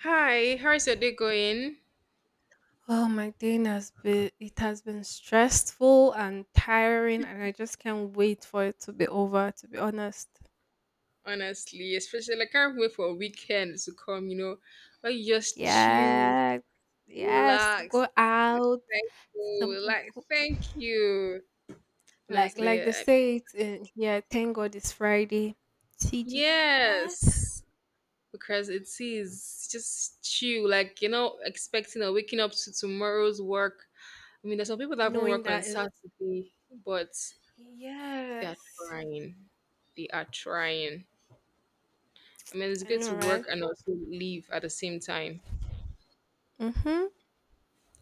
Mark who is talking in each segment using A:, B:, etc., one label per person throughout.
A: Hi, how's your day going?
B: Oh, my day has been it has been stressful and tiring, and I just can't wait for it to be over. To be honest,
A: Honestly, especially like, I can't wait for a weekend to come, you know, where you just chill,
B: yes, yes, go
A: relax.
B: out,
A: Thank
B: some
A: you. Like,
B: go-
A: thank you.
B: like
A: Honestly,
B: they
A: I,
B: say it in here. Thank God it's Friday. TGIF,
A: yes, because it is just chill, like, expecting or waking up to tomorrow's work. I mean, there's some people that haven't
B: knowing
A: work on
B: that is
A: Saturday, but they are
B: yes,
A: trying. They are trying. I mean, it's
B: I
A: good
B: know,
A: to
B: right?
A: work and also leave at the same time.
B: Mm-hmm.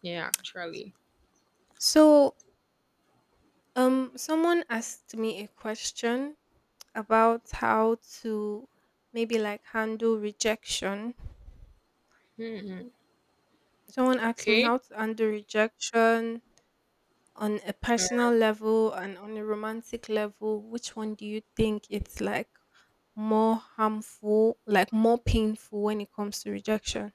A: Yeah, actually.
B: So, Someone asked me a question about how to maybe like handle rejection.
A: Hmm.
B: Someone asked me
A: Okay.
B: how to handle rejection on a
A: All right.
B: personal level and on a romantic level. Which one do you think it's like more harmful, like more painful when it comes to rejection?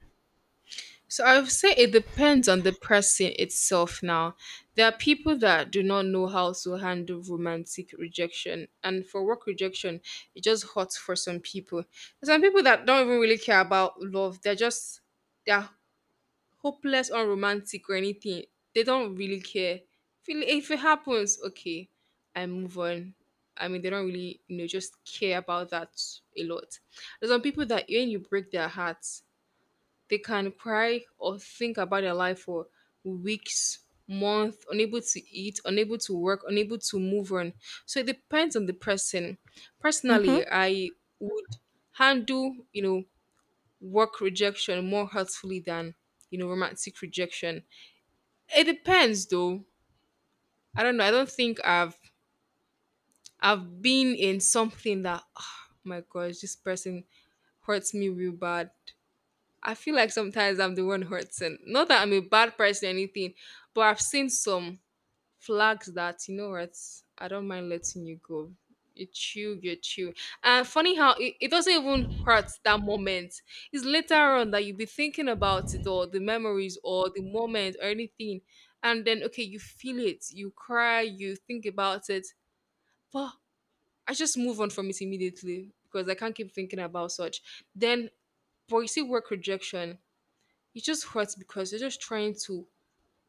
A: So I would say it depends on the person itself now. There are people that do not know how to handle romantic rejection. And for work rejection, it just hurts for some people. There's some people that don't even really care about love. They're just, they're hopeless, unromantic, or anything. They don't really care. If it happens, okay, I move on. I mean, they don't really, just care about that a lot. There's some people that when you break their hearts, they can cry or think about their life for weeks, months, unable to eat, unable to work, unable to move on. So it depends on the person.
B: Mm-hmm.
A: Personally, I would handle, work rejection more hurtfully than romantic rejection. It depends though. I don't know. I don't think I've been in something that, oh my gosh, this person hurts me real bad. I feel like sometimes I'm the one hurting, not that I'm a bad person or anything, but I've seen some flags that, you know what, I don't mind letting you go. You chill, you chill. And funny how it doesn't even hurt that moment. It's later on that you'll be thinking about it, or the memories, or the moment, or anything. And then okay, you feel it, you cry, you think about it, but I just move on from it immediately, because I can't keep thinking about such. Then, but you see, work rejection, it just hurts because you're just trying to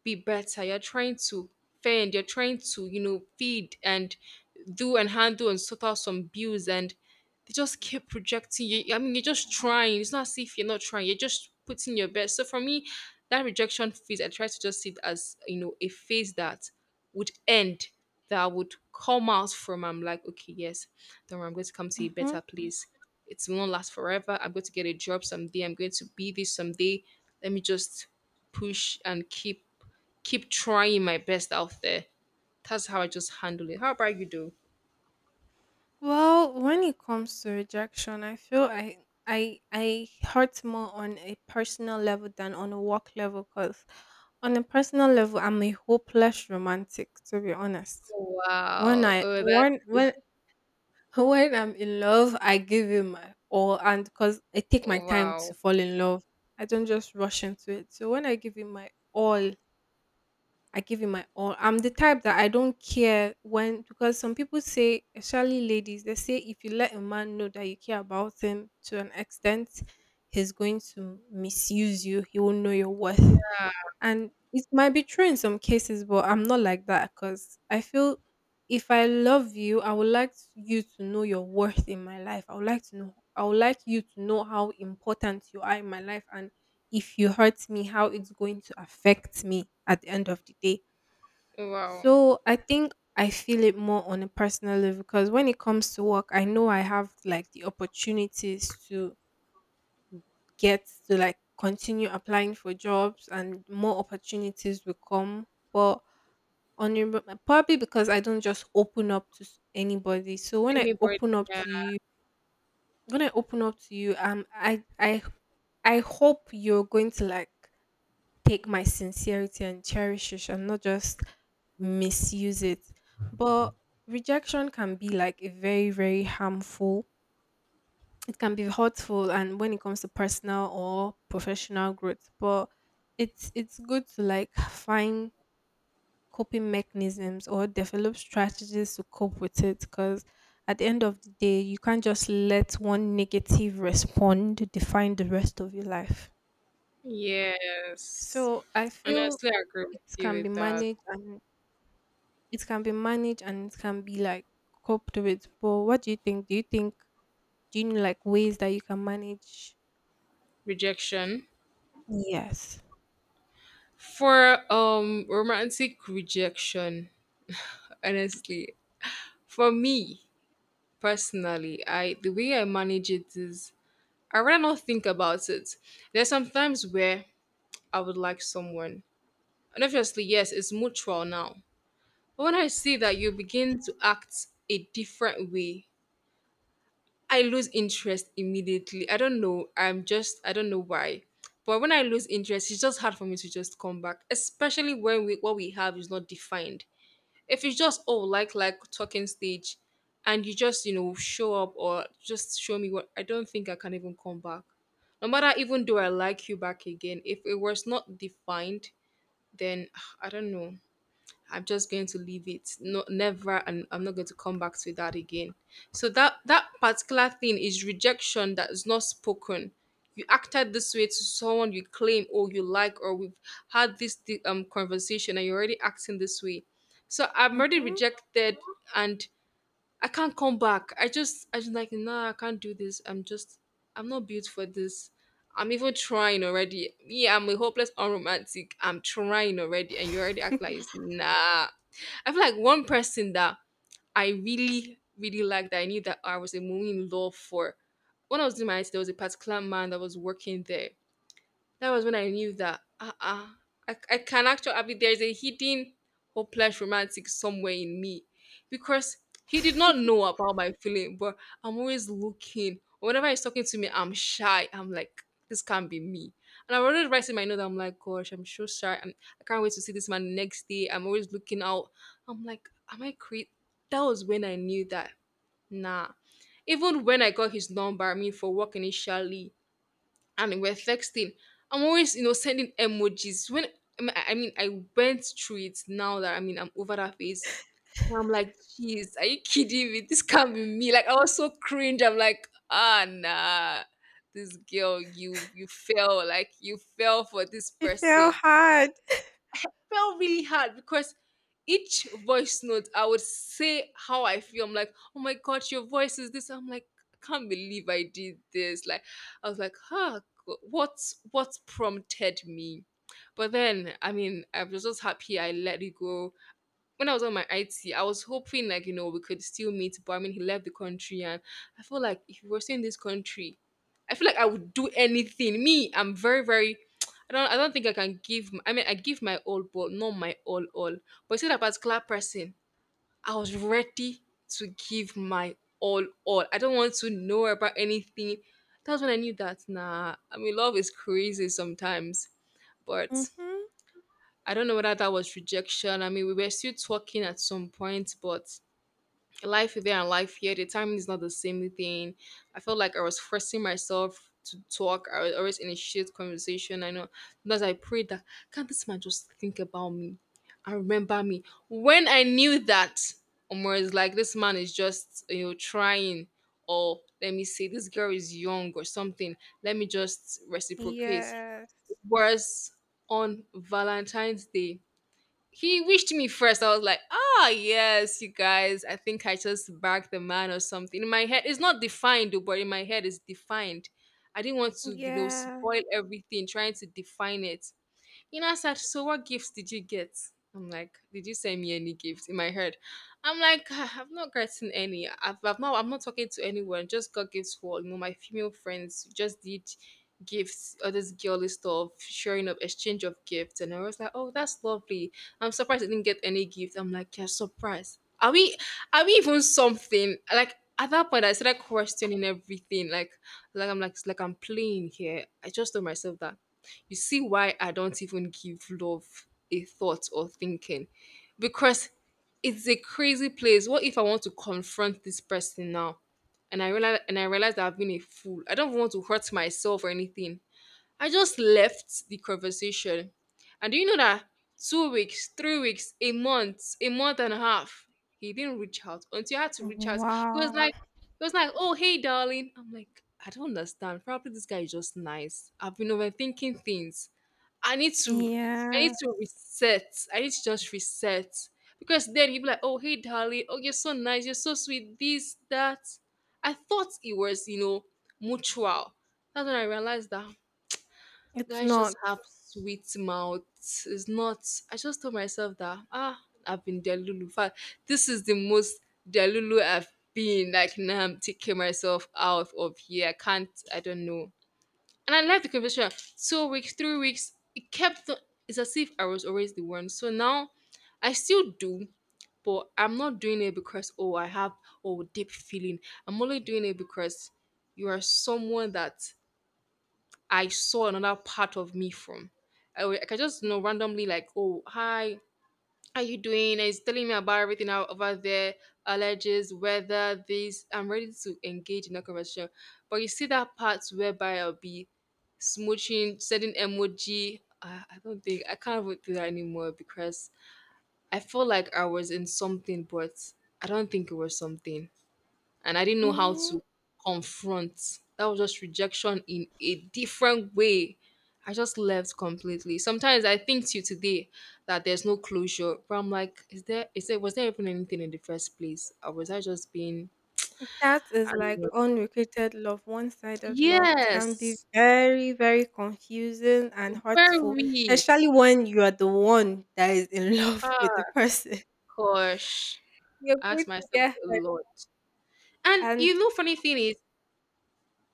A: be better. You're trying to fend, you're trying to, feed and do and handle and sort out some bills, and they just keep projecting you. I mean, you're just trying. It's not as if you're not trying, you're just putting your best. So for me, that rejection phase, I try to just see it as, a phase that would end, that I would come out from. I'm like, okay, yes, don't worry, I'm going to come to a
B: Mm-hmm.
A: better place. It won't last forever. I'm going to get a job someday. I'm going to be this someday. Let me just push and keep trying my best out there. That's how I just handle it. How about you do?
B: Well, when it comes to rejection, I feel I hurt more on a personal level than on a work level because on a personal level, I'm a hopeless romantic, to be honest. When
A: Wow.
B: I
A: Oh, that's
B: when when when I'm in love, I give him my all, and because I take my time to
A: wow.
B: fall in love, I don't just rush into it. So when I give him my all, I give it my all. I'm the type that I don't care when because some people say, especially ladies, they say if you let a man know that you care about him to an extent, he's going to misuse you. He will know your worth.
A: That-
B: And it might be true in some cases, but I'm not like that because I feel if I love you, I would like you to know your worth in my life. I would like you to know how important you are in my life, and if you hurt me, how it's going to affect me at the end of the day.
A: Wow.
B: So I think I feel it more on a personal level because when it comes to work, I know I have like the opportunities to get to like continue applying for jobs, and more opportunities will come. But on your probably because I don't just open up to anybody.
A: Anybody, yeah.
B: When I open up to you, I hope you're going to like take my sincerity and cherish it and not just misuse it. But rejection can be like a very, very harmful. It can be hurtful and when it comes to personal or professional growth. But it's good to like find coping mechanisms or develop strategies to cope with it because at the end of the day you can't just let one negative respond define the rest of your life.
A: Yes.
B: So I feel
A: Honestly, I agree with
B: it
A: you
B: can be
A: with that.
B: managed, and it can be like coped with. But what do you think? Do you know like ways that you can manage?
A: Rejection.
B: Yes.
A: For romantic rejection, honestly, for me personally, I, the way I manage it is I rather not think about it. There's sometimes where I would like someone. And obviously, yes, it's mutual now. But when I see that you begin to act a different way, I lose interest immediately. I don't know. I'm just, I don't know why. But when I lose interest, it's just hard for me to just come back, especially when we, what we have is not defined. If it's just, oh, like talking stage, and you just, show up or just show me what, I don't think I can even come back. No matter, even though I like you back again, if it was not defined, then I don't know. I'm just going to leave it. No, never, and I'm not going to come back to that again. So that particular thing is rejection that is not spoken. You acted this way to someone you claim or you like, or we've had this conversation, and you're already acting this way. So I'm already
B: Mhm.
A: rejected, and I can't come back. I just like, nah. I can't do this. I'm just, I'm not built for this. I'm even trying already. Yeah, I'm a hopeless unromantic. I'm trying already, and you already act like it's nah. I feel like one person that I really, really liked, that I knew that I was a in love for. When I was doing my IT, there was a particular man that was working there. That was when I knew that I can actually, I mean, there's a hidden hopeless romantic somewhere in me, because he did not know about my feeling, but I'm always looking. Whenever he's talking to me, I'm shy. I'm like, this can't be me. And I already writing my note. I'm like, gosh, I'm so shy. I can't wait to see this man the next day. I'm always looking out. I'm like, am I crazy? That was when I knew that. Nah. Even when I got his number, I mean, for work initially, and we're texting. I'm always, sending emojis. When I mean, I went through it now that, I mean, I'm over that phase. And I'm like, jeez, are you kidding me? This can't be me. Like, I was so cringe. I'm like, ah, nah, this girl, you fell. Like, you fell for this
B: You feel
A: person,
B: hard.
A: felt really hard because each voice note I would say how I feel. I'm like, oh my gosh, your voice is this. I'm like, I can't believe I did this. Like, I was like, huh, what's what prompted me? But then, I mean, I was just happy I let it go. When I was on my IT, I was hoping, like, you know, we could still meet, but I mean, he left the country, and I feel like if we were still in this country, I feel like I would do anything. Me, I'm very very. I don't. I don't think I can give. I mean, I give my all, but not my all all. But see that particular person, I was ready to give my all all. I don't want to know about anything. That's when I knew that, nah. I mean, love is crazy sometimes, but.
B: Mhm.
A: I don't know whether that was rejection. I mean, we were still talking at some point, but life there and life here, the timing is not the same thing. I felt like I was forcing myself to talk. I was always initiate conversation. I know, because I prayed that, can't this man just think about me and remember me? When I knew that, Omar is like, this man is just, you know, trying. Or let me say this girl is young or something. Let me just reciprocate.
B: Yes.
A: Whereas on Valentine's Day, he wished me first. I was like, ah, yes, you guys. I think I just bagged the man or something. In my head, it's not defined, though, but in my head, it's defined. I didn't want to,
B: Yeah.
A: spoil everything, trying to define it. You know, I said, so what gifts did you get? I'm like, did you send me any gifts? In my head, I'm like, ah, I've not gotten any. I'm not talking to anyone, just got gifts for, you know, my female friends, who just did gifts, all this girly stuff, sharing of exchange of gifts. And I was like, oh, that's lovely. I'm surprised I didn't get any gift. I'm like, yeah, surprised. Are we even something? Like at that point I started questioning everything. Like I'm like it's like I'm playing here. I just told myself that, you see why I don't even give love a thought or thinking? Because it's a crazy place. What if I want to confront this person now? And I realize that I've been a fool. I don't want to hurt myself or anything. I just left the conversation. And do you know that two weeks, three weeks, a month and a half, he didn't reach out until I had to reach out. He was
B: Wow.
A: like, he was like, oh hey darling. I'm like, I don't understand. Probably this guy is just nice. I've been overthinking things. I need to I need
B: Yeah.
A: to reset. I need to just reset. Because then you'd be like, oh hey darling, oh you're so nice, you're so sweet, this, that. I thought it was, you know, mutual. That's when I realized that
B: It's
A: guys
B: not.
A: just have sweet mouths. It's not, I just told myself that, ah, I've been Delulu. In fact, this is the most Delulu I've been. Like now I'm taking myself out of here. I can't, I don't know. And I left the conversation. Two weeks, three weeks. It kept. It's as if I was always the one. So now, I still do, but I'm not doing it because oh I have oh deep feeling. I'm only doing it because you are someone that I saw another part of me from. I can just you know randomly like oh hi are you doing? And he's telling me about everything out over there, allergies, weather, this. I'm ready to engage in a conversation. But you see that part whereby I'll be smooching, sending emoji. I don't think I can't even do that anymore because I feel like I was in something, but I don't think it was something and I didn't know how
B: Mhm.
A: to confront. That was just rejection in a different way. I just left completely. Sometimes I think to today that there's no closure, but I'm like, is there? Is there? Was there even anything in the first place, or was I just being?
B: That is
A: I don't
B: like
A: know.
B: unrequited love, one sided love. It can be
A: Yes,
B: very, very confusing and hurtful,
A: very.
B: especially when you are the one that is in love with the
A: Ah,
B: person.
A: gosh,
B: You're
A: I
B: going
A: asked
B: to
A: myself
B: get
A: a
B: hurt
A: lot. And you
B: and
A: know, funny thing is,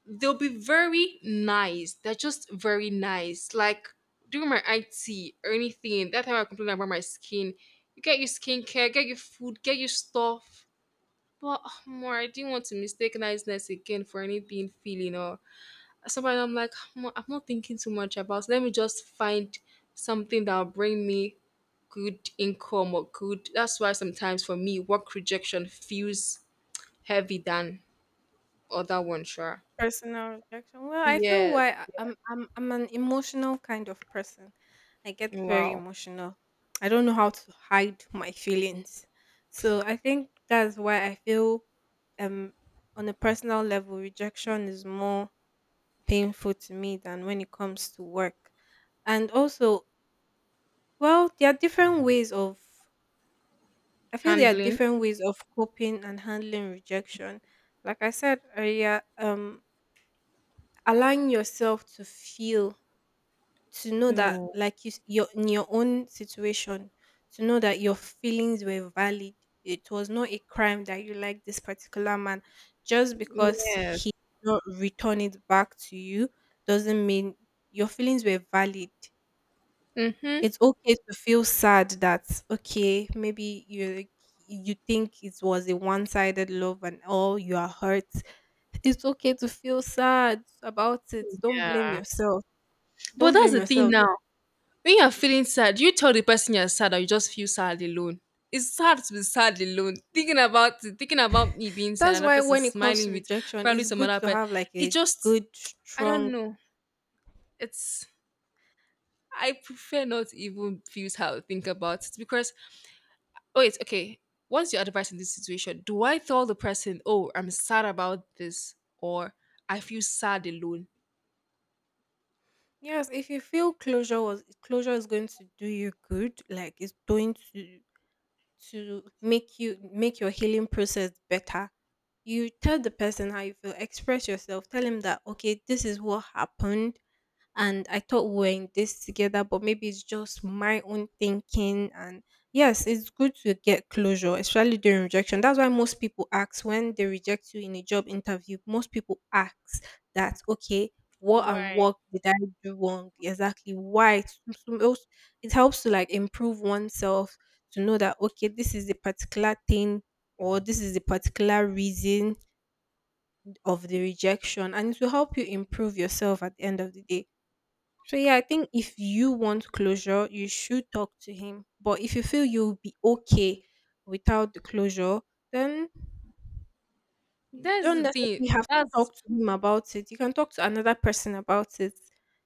A: they'll be very nice. They're just very nice. Like during my IT or anything, that time I complained about my skin. You get your skincare, get your food, get your stuff. But ah, more, I didn't want to mistake niceness again for any being feeling or somebody. I'm like, "Omo, I'm not thinking too much about. Let me just find something that'll bring me good income or good. That's why sometimes for me, work rejection feels heavy than other one. Sure.
B: personal rejection. Well, I feel
A: Yes.
B: why I'm an emotional kind of person. I get very
A: Wow.
B: emotional. I don't know how to hide my feelings. So I think that's why I feel um on a personal level rejection is more painful to me than when it comes to work. And also, well, there are different ways of I feel there are
A: Handling?
B: different ways of coping and handling rejection. Like I said earlier, allowing yourself to feel, to know that
A: No.
B: like you s- your in your own situation, to know that your feelings were valid. It was not a crime that you like this particular man. Just because he
A: Yes.
B: did not return it back to you doesn't mean your feelings were valid.
A: Mm-hmm.
B: It's okay to feel sad that okay, maybe you like, you think it was a one-sided love and all, you are hurt. It's okay to feel sad about it. Don't blame
A: Yeah.
B: yourself.
A: But
B: Don't
A: that's
B: blame
A: the thing
B: yourself.
A: now. When you're feeling sad, do you tell the person you're sad or you just feel sad alone? It's sad to be sad alone. Thinking about it, thinking about me being sad,
B: That's
A: another
B: why
A: person
B: when it comes to
A: smiling with
B: rejection,
A: probably
B: it's
A: some
B: good
A: other
B: to
A: person.
B: have like
A: It
B: a
A: just,
B: good
A: I don't
B: strong
A: know. It's, I prefer not to even feel how to think about it because, oh, it's okay. What's your advice in this situation? Do I tell the person, oh, I'm sad about this or I feel sad alone?
B: yes, if you feel closure was closure is going to do you good, like it's going to make you make your healing process better. You tell the person how you feel, express yourself, tell him that okay, this is what happened and I thought we were in this together, but maybe it's just my own thinking, and yes, it's good to get closure, especially during rejection. That's why most people ask when they reject you in a job interview, most people ask that okay, what and
A: Why?
B: what did I do wrong, exactly why it's- it helps to like improve oneself, to know that okay, this is the particular thing or this is the particular reason of the rejection, and it will help you improve yourself at the end of the day. So yeah, I think if you want closure, you should talk to him, but if you feel you'll be okay without the closure, then you
A: That's
B: don't
A: the thing.
B: necessarily have to
A: That's
B: talk to him about it. You can talk to another person about it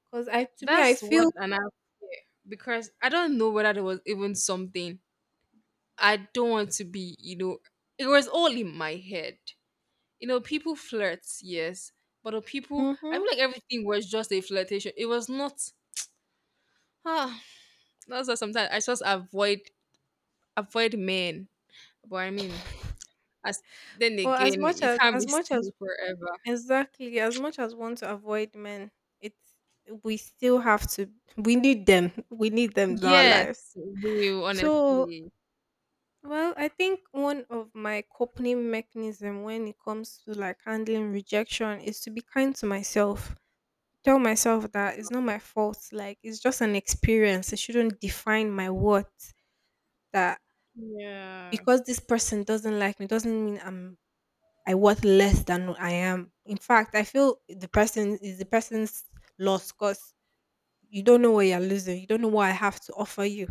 B: because I, to me, I
A: that's
B: feel
A: what an app is, because I don't know whether there was even something. I don't want to be, you know, it was all in my head. You know, people flirt, yes, but the people, I feel
B: hmm
A: like everything was just a flirtation. It was not. Ah, that's why sometimes I just avoid men. But I mean, as then
B: but as
A: again,
B: much
A: it
B: as
A: can't
B: as
A: be
B: much as
A: still forever.
B: exactly. As much as we want to avoid men, it's we still have to we need them. We need them in our lives.
A: Yes, real
B: So
A: honestly.
B: well, I think one of my coping mechanism when it comes to like handling rejection is to be kind to myself. Tell myself that it's not my fault, like it's just an experience. It shouldn't define my worth. That
A: Yeah.
B: because this person doesn't like me doesn't mean I'm I worth less than I am. In fact, I feel the person is the person's loss because you don't know what you're losing. You don't know what I have to offer you,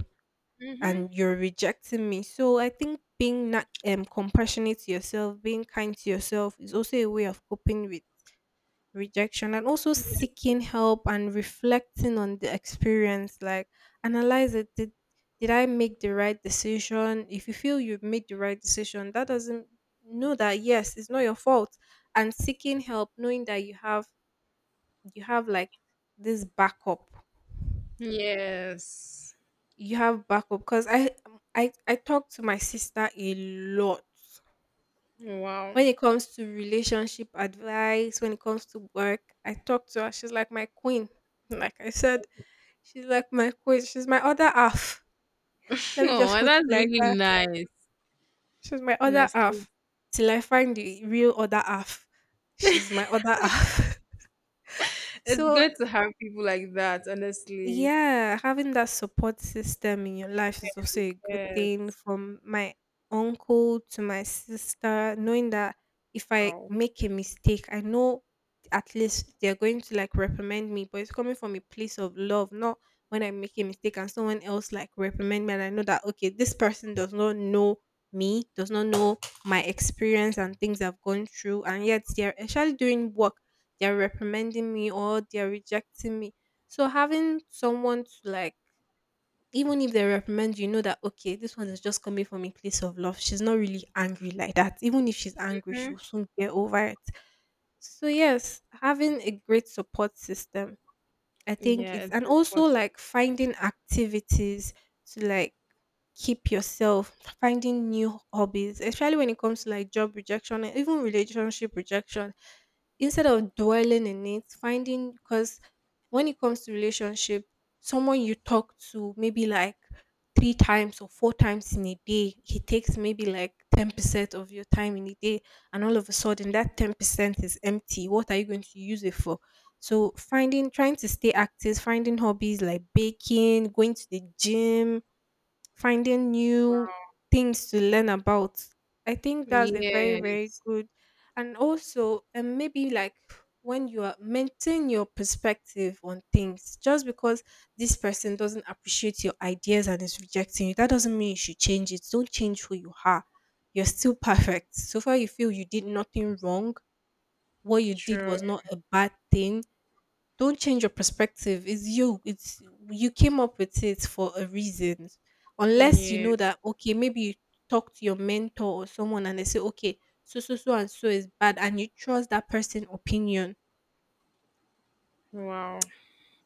A: Mm-hmm.
B: and you're rejecting me. So I think being not, compassionate to yourself, being kind to yourself, is also a way of coping with rejection and also seeking help and reflecting on the experience, like analyze it. Did I make the right decision? If you feel you've made the right decision that doesn't know that yes, it's not your fault. And seeking help, knowing that you have like this backup,
A: Yes.
B: you have backup because I talk to my sister a lot.
A: Wow.
B: When it comes to relationship advice, when it comes to work, I talk to her. She's like my queen. Like I said, she's like my queen. She's my other half. Let me just
A: Oh,
B: put it
A: that's
B: like
A: really
B: that.
A: nice.
B: She's my other
A: Honestly,
B: half. Till I find the real other half, she's my other half.
A: it's
B: So
A: good to have people like that. Honestly.
B: yeah, having that support system in your life is also a good
A: Yes.
B: thing, from my uncle to my sister, knowing that if I
A: Wow.
B: make a mistake, I know at least they're going to like reprimand me, but it's coming from a place of love, not when I make a mistake and someone else like reprimand me and I know that okay, this person does not know me, does not know my experience and things I've gone through, and yet they're actually doing work, they're reprimanding me or they're rejecting me. So having someone to like, even if they reprimand you, you know that okay, this one is just coming from a place of love. She's not really angry like that. Even if she's angry, she'll
A: Mhm.
B: soon get over it. So yes, having a great support system, I think
A: Yeah,
B: it's
A: it's
B: and also
A: important.
B: like finding activities to like keep yourself, finding new hobbies, especially when it comes to like job rejection and even relationship rejection. Instead of dwelling in it, finding because when it comes to relationship, someone you talk to maybe like three times or four times in a day, he takes maybe like 10% of your time in a day, and all of a sudden that 10% is empty. What are you going to use it for? So finding, trying to stay active, finding hobbies like baking, going to the gym, finding new things to learn about. I think that's a very, very
A: Yes.
B: good. And also, and maybe like when you are maintain your perspective on things, just because this person doesn't appreciate your ideas and is rejecting you, that doesn't mean you should change it. Don't change who you are. You're still perfect. So far, you feel you did nothing wrong. What you did
A: True.
B: was not a bad thing. Don't change your perspective. It's you, it's you came up with it for a reason. Unless you
A: Yeah.
B: know that, okay, maybe you talk to your mentor or someone and they say, okay, so so so and so is bad, and you trust that person opinion,
A: Wow.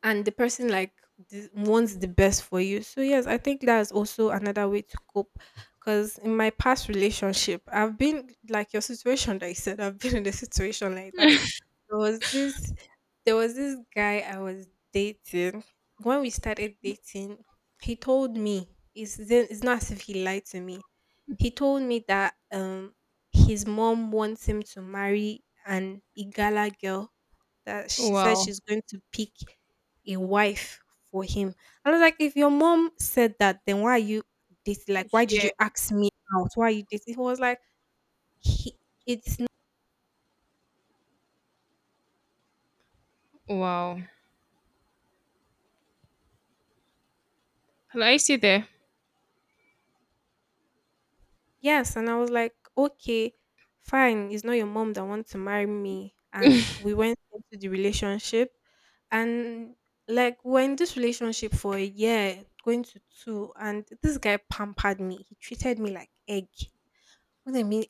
B: and the person, like, wants the best for you. So yes, I think that's also another way to cope. Because in my past relationship, I've been like your situation that you said. I've been in a situation like that. there was this there was this guy I was dating. When we started dating, he told me it's not as if he lied to me. He told me that his mom wants him to marry an Igala girl, that she said
A: Wow.
B: she's going to pick a wife for him. I was like, if your mom said that, then why are you dating? Like, why did you
A: Yeah.
B: ask me out? Why are you dating? He was like, he, it
A: Wow. Hello, I see there.
B: Yes, and I was like, okay, fine. It's not your mom that wants to marry me. And we went into the relationship, and like we're in this relationship for a year, going to two, and this guy pampered me. He treated me like egg. What I mean,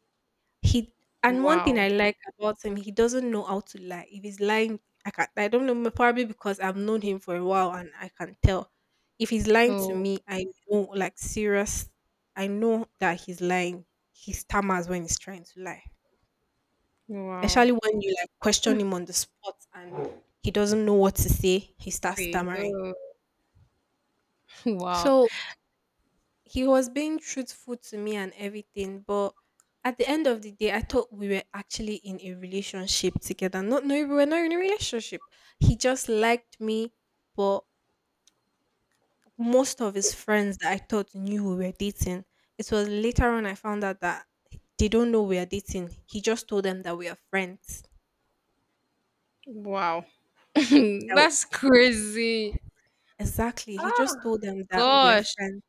B: he and one thing
A: Wow.
B: I like about him, he doesn't know how to lie. If he's lying, I can I don't know, probably because I've known him for a while and I can tell. If he's lying to
A: Oh.
B: me, I know, like serious, I know that he's lying. He stammers when he's trying to lie.
A: Wow.
B: Especially when you, like, question him on the spot and he doesn't know what to say, he starts
A: See.
B: stammering.
A: Oh. Wow.
B: So he was being truthful to me and everything, but at the end of the day, I thought we were actually in a relationship together. Not no, we were not in a relationship. He just liked me, but most of his friends that I thought knew we were dating, it was later on I found out that they don't know we are dating. He just told them that we are friends.
A: Wow.
B: That
A: That's crazy.
B: exactly. He just
A: Oh
B: told them that we are
A: gosh.
B: friends.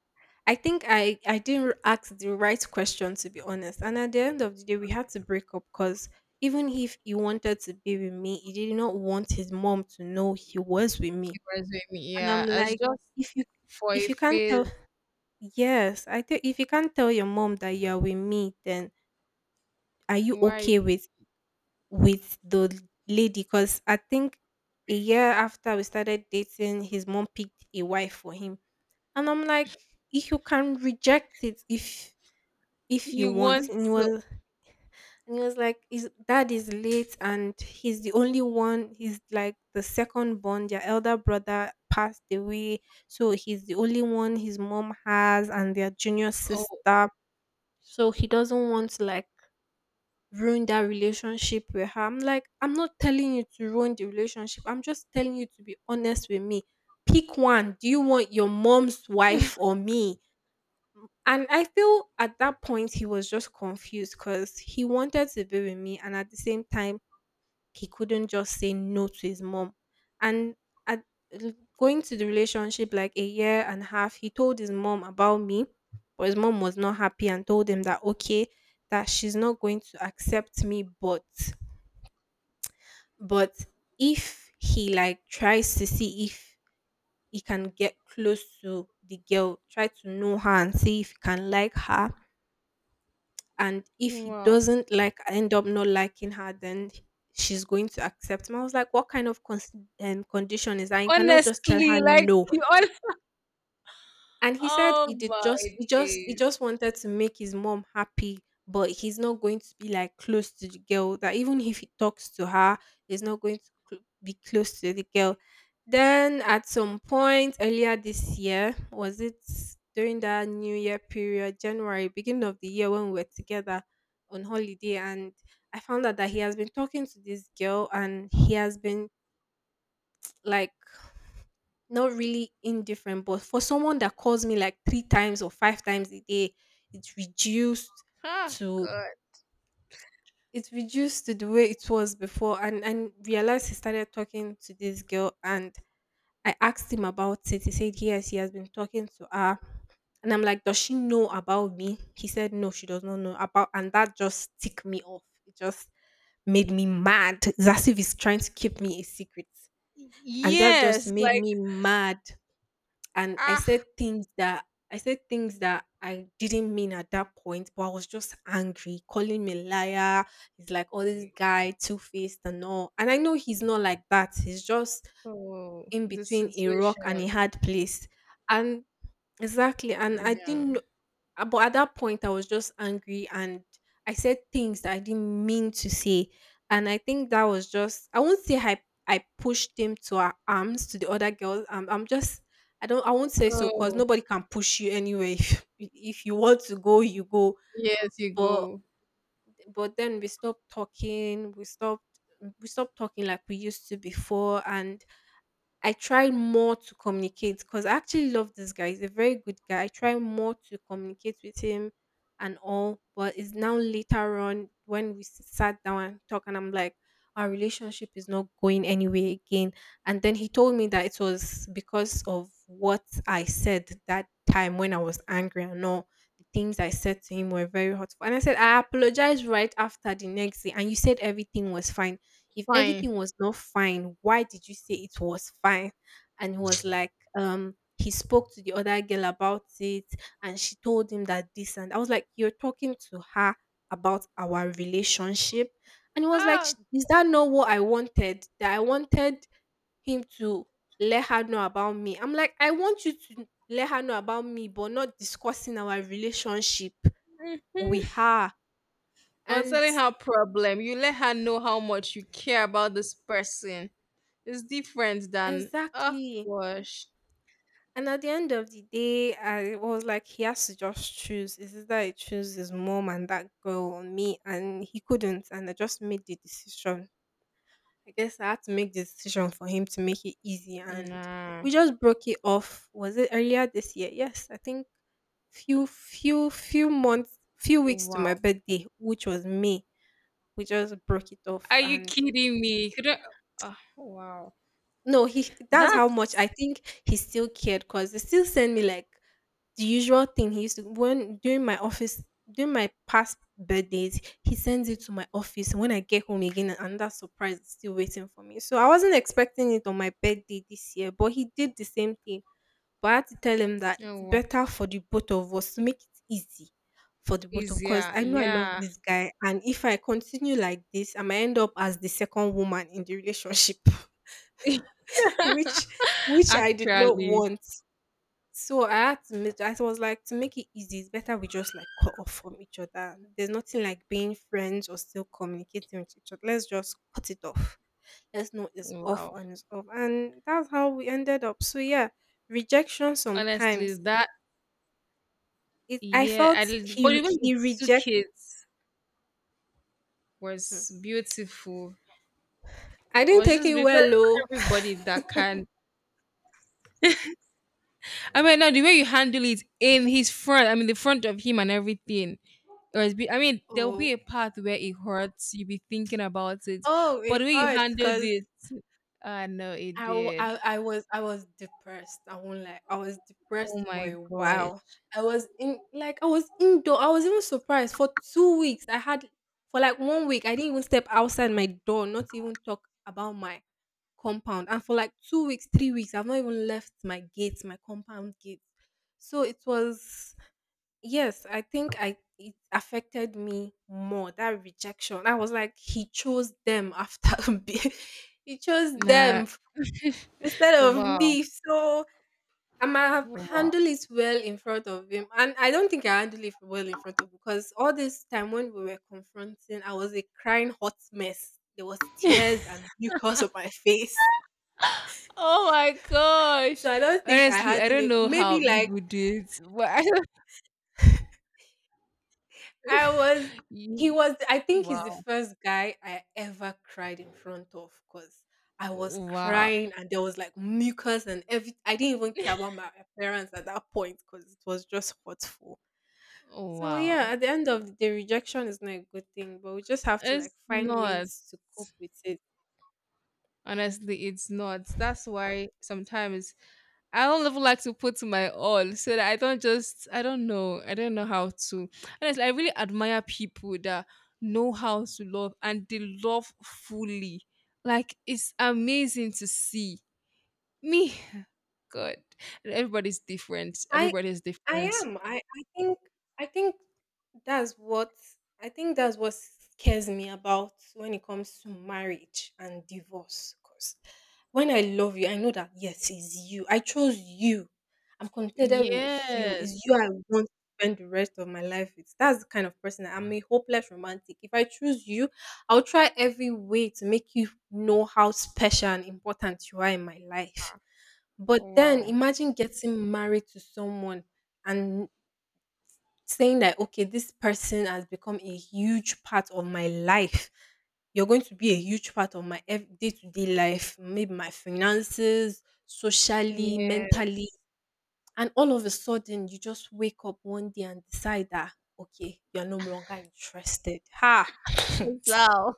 B: I think I didn't ask the right question, to be honest. And at the end of the day, we had to break up because even if he wanted to be with me, he did not want his mom to know he was with me.
A: He was with me.
B: And
A: Yeah,
B: I'm
A: it's
B: like,
A: just
B: if you
A: for a
B: if you can't
A: phase.
B: tell, yes, I think if you can't tell your mom that you are with me, then are you
A: Why
B: okay with the lady? Because I think a year after we started dating, his mom picked a wife for him, and I'm like, if you can reject it, if you
A: you
B: want.
A: want
B: And he
A: to?
B: was like, his dad is late and he's the only one, he's like the second born, their elder brother passed away, so he's the only one his mom has, and their junior
A: Oh
B: sister. So he doesn't want to like ruin that relationship with her. I'm like, I'm not telling you to ruin the relationship, I'm just telling you to be honest with me. Pick one. Do you want your mom's wife or me? And I feel at that point he was just confused because he wanted to be with me, and at the same time he couldn't just say no to his mom. And at l- going to the relationship like a year and a half, he told his mom about me, but his mom was not happy and told him that okay, that she's not going to accept me, but if he like tries to see if he can get close to the girl, try to know her and see if he can like her, and if he
A: wow!
B: doesn't like end up not liking her, then she's going to accept him. I was like, what kind of condition is that? You cannot just tell her
A: Honestly, like
B: no?
A: you on.
B: And he said
A: Oh
B: he did just
A: my
B: he
A: days!
B: just wanted to make his mom happy, but he's not going to be like close to the girl. That even if he talks to her, he's not going to be close to the girl. Then at some point earlier this year, was it during that New Year period, January, beginning of the year when we were together on holiday, and I found out that he has been talking to this girl and he has been like not really indifferent, but for someone that calls me like three times or five times a day, it's reduced
A: Ah,
B: to
A: God.
B: it's reduced to the way it was before. And realized he started talking to this girl, and I asked him about it. He said yes, he has been talking to her, and I'm like, does she know about me? He said no, she does not know about, and that just ticked me off. It just made me mad. It's as if he's trying to keep me a secret, and that just
A: Yes,
B: made
A: like
B: me mad. And
A: ah.
B: I said things that I didn't mean at that point, but I was just angry, calling me liar. He's like, oh, this guy, two faced and all. And I know he's not like that. He's just
A: Oh,
B: in
A: the
B: between a rock and a
A: situation.
B: hard place. And exactly. And I
A: Yeah.
B: didn't but at that point I was just angry and I said things that I didn't mean to say. And I think that was just, I won't say I pushed him to our arms to the other girls. I'm just I don't I won't say so because
A: Oh,
B: nobody can push you anyway. If, if you want to go, you go.
A: yes, you
B: But
A: go.
B: then we stopped talking like we used to before. And I try more to communicate because I actually love this guy. He's a very good guy. I try more to communicate with him and all, but it's now later on when we sat down and talk, and I'm like, our relationship is not going anywhere again. And then he told me that it was because of what I said that time when I was angry and all. The things I said to him were very hurtful. And I said, I apologized right after the next day, and you said everything was fine. If
A: Fine.
B: everything was not fine, why did you say it was fine? And he was like, he spoke to the other girl about it and she told him that this. And I was like, you're talking to her about our relationship? And he was like,
A: Ah.
B: is that not what I wanted? That I wanted him to let her know about me? I'm like, I want you to let her know about me, but not discussing our relationship with
A: Mhm.
B: her.
A: Or
B: And
A: telling her problem. You let her know how much you care about this person. It's different than oh
B: exactly.
A: gosh.
B: And at the end of the day, I was like, he has to just choose. Is it that he chose his mom and that girl or me? And he couldn't. And I just made the decision. I guess I had to make the decision for him to make it easy. And
A: Nah.
B: we just broke it off. Was it earlier this year? Yes, I think few months, few weeks to my
A: Wow.
B: birthday, which was May. We just broke it off.
A: Are you
B: And
A: kidding me? Couldn't. Oh, wow.
B: no, he that's how much
A: That's
B: I think he still cared, because they still send me like the usual thing he used to when during my office, during my past birthdays, he sends it to my office. And when I get home again, another surprise is still waiting for me. So I wasn't expecting it on my birthday this year, but he did the same thing. But I had to tell him that
A: oh,
B: it's
A: wow.
B: better for the both of us, to make it easy for the both of, because
A: Easier.
B: I know I
A: Yeah.
B: love this guy. And if I continue like this, I might end up as the second woman in the relationship. which which I did not
A: Actually.
B: want. So I had to make, I was like, to make it easy, it's better we just like cut off from each other. There's nothing like being friends or still communicating with each other. Let's just cut it off. Let's know
A: Wow.
B: it's off. And that's how we ended up. So yeah, rejection
A: Honestly,
B: sometimes.
A: that
B: It I
A: yeah. I
B: felt
A: did- but even the way
B: he
A: you took
B: reject hmm,
A: was beautiful.
B: I
A: It
B: didn't
A: was
B: take
A: just
B: it
A: because
B: well
A: not
B: though.
A: everybody that can I mean, now the way you handle it in his front, I mean, the front of him and everything. It was be, I mean, there will
B: Oh,
A: be a part where it hurts. You'll be thinking about it,
B: oh
A: but
B: it
A: the way you
B: hurts
A: handled
B: cause.
A: it, I know it
B: I, w-
A: did.
B: I I was I was depressed. I won't lie. I was
A: Oh
B: depressed for a
A: my gosh!
B: while. I was in like I was indoor. I was even surprised for 2 weeks. I had for like 1 week. I didn't even step outside my door. Not even talk about my compound. And for like 2 weeks, 3 weeks, I've not even left my gate, my compound gate. So it was yes. I think I it affected me more that rejection. I was like he chose them after. Me. He chose
A: Nah,
B: them instead of
A: wow,
B: me. So I might have
A: wow.
B: handled it well in front of him. And I don't think I handled it well in front of him, because all this time when we were confronting, I was a crying hot mess. There was tears and mucus on my face.
A: Oh my gosh!
B: So I don't think I
A: Honestly, I
B: handled
A: don't
B: it.
A: know how
B: Maybe like
A: people do it. But I don't-
B: I was he
A: You-
B: was I think he's the
A: wow,
B: first guy I ever cried in front of because I was
A: wow,
B: crying and there was like mucus and every I didn't even care about my appearance at that point because it was just hurtful. So
A: wow.
B: yeah, at the end of the day, rejection is not a good thing, but we just have to like
A: It's
B: find
A: not.
B: ways to cope with it.
A: Honestly, it's not. That's why sometimes I don't even like to put my all so that I don't just, I don't know how to. Honestly, I really admire people that know how to love and they love fully. Like, it's amazing to see. Me, God, everybody's different.
B: I
A: Everybody is different.
B: I am. I think that's what I think that's what scares me about when it comes to marriage and divorce. Because when I love you, I know that yes, it's you. I chose you. I'm contented with you. It's you
A: Yes.
B: I want to spend the rest of my life with. That's the kind of person I am, a hopeless romantic. If I choose you, I'll try every way to make you know how special and important you are in my life. But then
A: Wow.
B: imagine getting married to someone and saying that, okay, this person has become a huge part of my life. You're going to be a huge part of my day-to-day life, maybe my finances, socially,
A: Yes.
B: mentally, and all of a sudden you just wake up one day and decide that okay, you're no longer interested, ha.
A: Wow.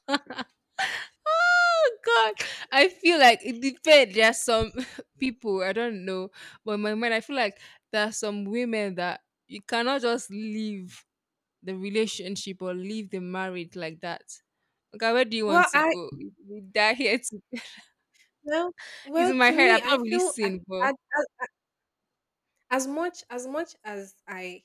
A: Oh God, I feel like it depends. There are some people I don't know, but in my mind I feel like there are some women that you cannot just leave the relationship or leave the marriage like that. Okay, where do you want
B: well
A: to
B: I
A: go? We die here. To...
B: well
A: It's
B: well,
A: in my
B: to
A: head.
B: me,
A: I've
B: i
A: not really
B: feel I,
A: seen, but
B: as much as i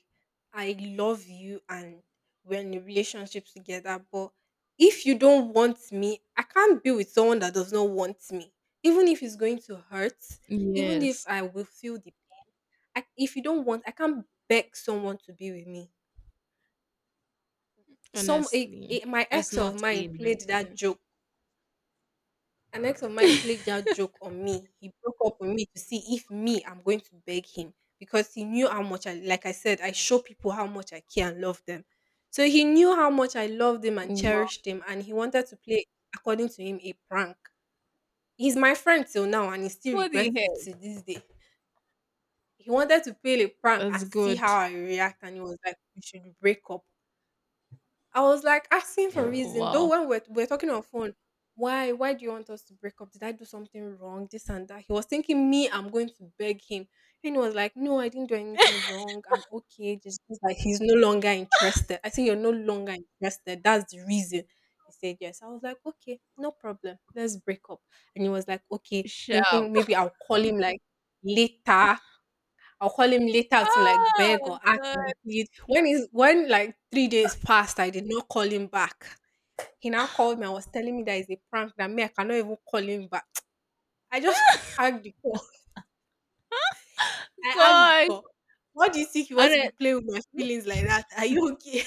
B: i love you, and we're in a relationship together, but if you don't want me, I can't be with someone that does not want me. Even if it's going to hurt, even if
A: yes,
B: I will feel the I,, if you don't want, I can't beg someone to be with me. Some
A: honestly,
B: a, my
A: it's
B: ex of
A: not
B: mine
A: a
B: played
A: nice
B: that
A: thing.
B: joke An ex of mine played that joke on me. He broke up with me to see if me I'm going to beg him, because he knew how much I said, I show people how much I care and love them. So he knew how much I loved him and
A: Wow.
B: cherished him, and he wanted to play, according to him, a prank. He's my friend till now, and he still
A: What the
B: regrets it
A: heck?
B: to this day. He wanted to play a prank
A: That's
B: and see
A: good.
B: how I react, and he was like, "We should break up." I was like asking for, yeah, reason, though.
A: Wow.
B: When we're talking on phone, why do you want us to break up? Did I do something wrong? This and that. He was thinking me, I'm going to beg him. And he was like, "No, I didn't do anything wrong. I'm okay. Just like he's no longer interested. I think you're no longer interested. That's the reason." He said yes. I was like, okay, no problem. Let's break up. And he was like, okay, thinking
A: Sharp.
B: maybe later I'll call him later to like beg or
A: Oh
B: ask and plead. When like 3 days passed, I did not call him back. He now called me and was telling me that it's a prank, that me I cannot even call him back. I just hung the call. I hung the
A: God.
B: call. What do you think? You want to
A: God.
B: be playing with my feelings like that? Are you okay?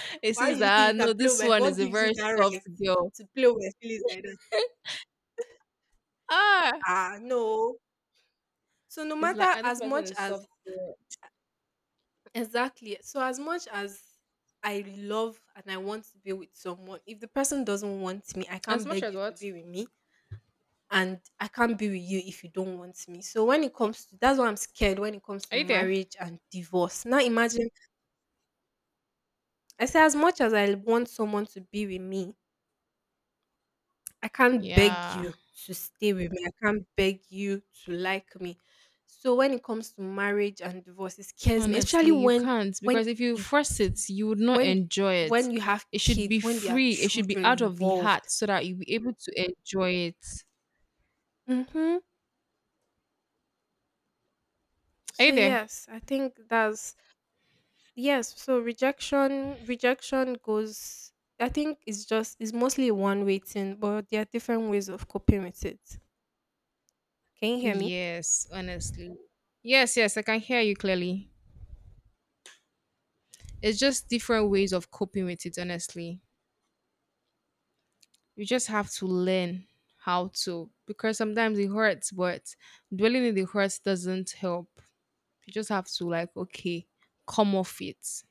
A: It
B: Why
A: says
B: do you think
A: that "Ah,
B: you can
A: no,
B: play with
A: this
B: my
A: one
B: what
A: is a
B: gives you
A: very
B: that
A: soft
B: right
A: girl.
B: to play with my feelings like that?
A: Ah,
B: Ah no. So no
A: it's like
B: matter,
A: ah, this
B: as
A: person
B: much
A: is
B: as,
A: soft girl.
B: exactly. So as much as I love and I want to be with someone, if the person doesn't want me, I
A: As
B: can't
A: much
B: beg
A: as
B: you to
A: what?
B: be with me, and I can't be with you if you don't want me. So when it comes to, that's why I'm scared when it comes to
A: Are you there?
B: marriage and divorce. Now imagine I say as much as I want someone to be with me, I can't beg
A: Yeah.
B: you to stay with me. I can't beg you to like me. So when it comes to marriage and divorce, it scares me, especially
A: Honestly, you
B: when
A: can't
B: when
A: because if you force
B: it's
A: it, you would not
B: when
A: enjoy it.
B: when you have
A: It should be
B: kids, when there are
A: free. It should be
B: children
A: out of the heart
B: involved.
A: so that you'll be able to enjoy it.
B: Mm-hmm.
A: Are
B: So
A: you there?
B: yes, I think that's, yes. So rejection goes. I think it's just it's mostly one way thing, but there are different ways of coping with it. Can you hear me?
A: Yes, honestly. Yes, yes, I can hear you clearly. It's just different ways of coping with it, honestly. You just have to learn how to because sometimes it hurts but dwelling in the hurts doesn't help. You just have to like okay come off it.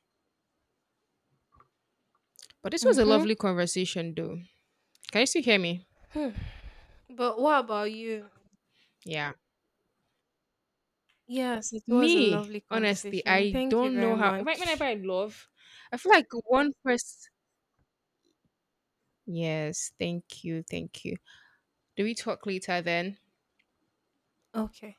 A: But this was a
B: Mm-hmm.
A: lovely conversation though. Can you still hear me?
B: Hmm. But what about you?
A: Yeah,
B: Yes, it was a
A: me
B: lovely
A: honestly
B: conversation.
A: I
B: Thank you
A: don't
B: very
A: know how whenever
B: much.
A: I love I feel like one person. Yes, thank you, thank you. Do we talk later then?
B: Okay.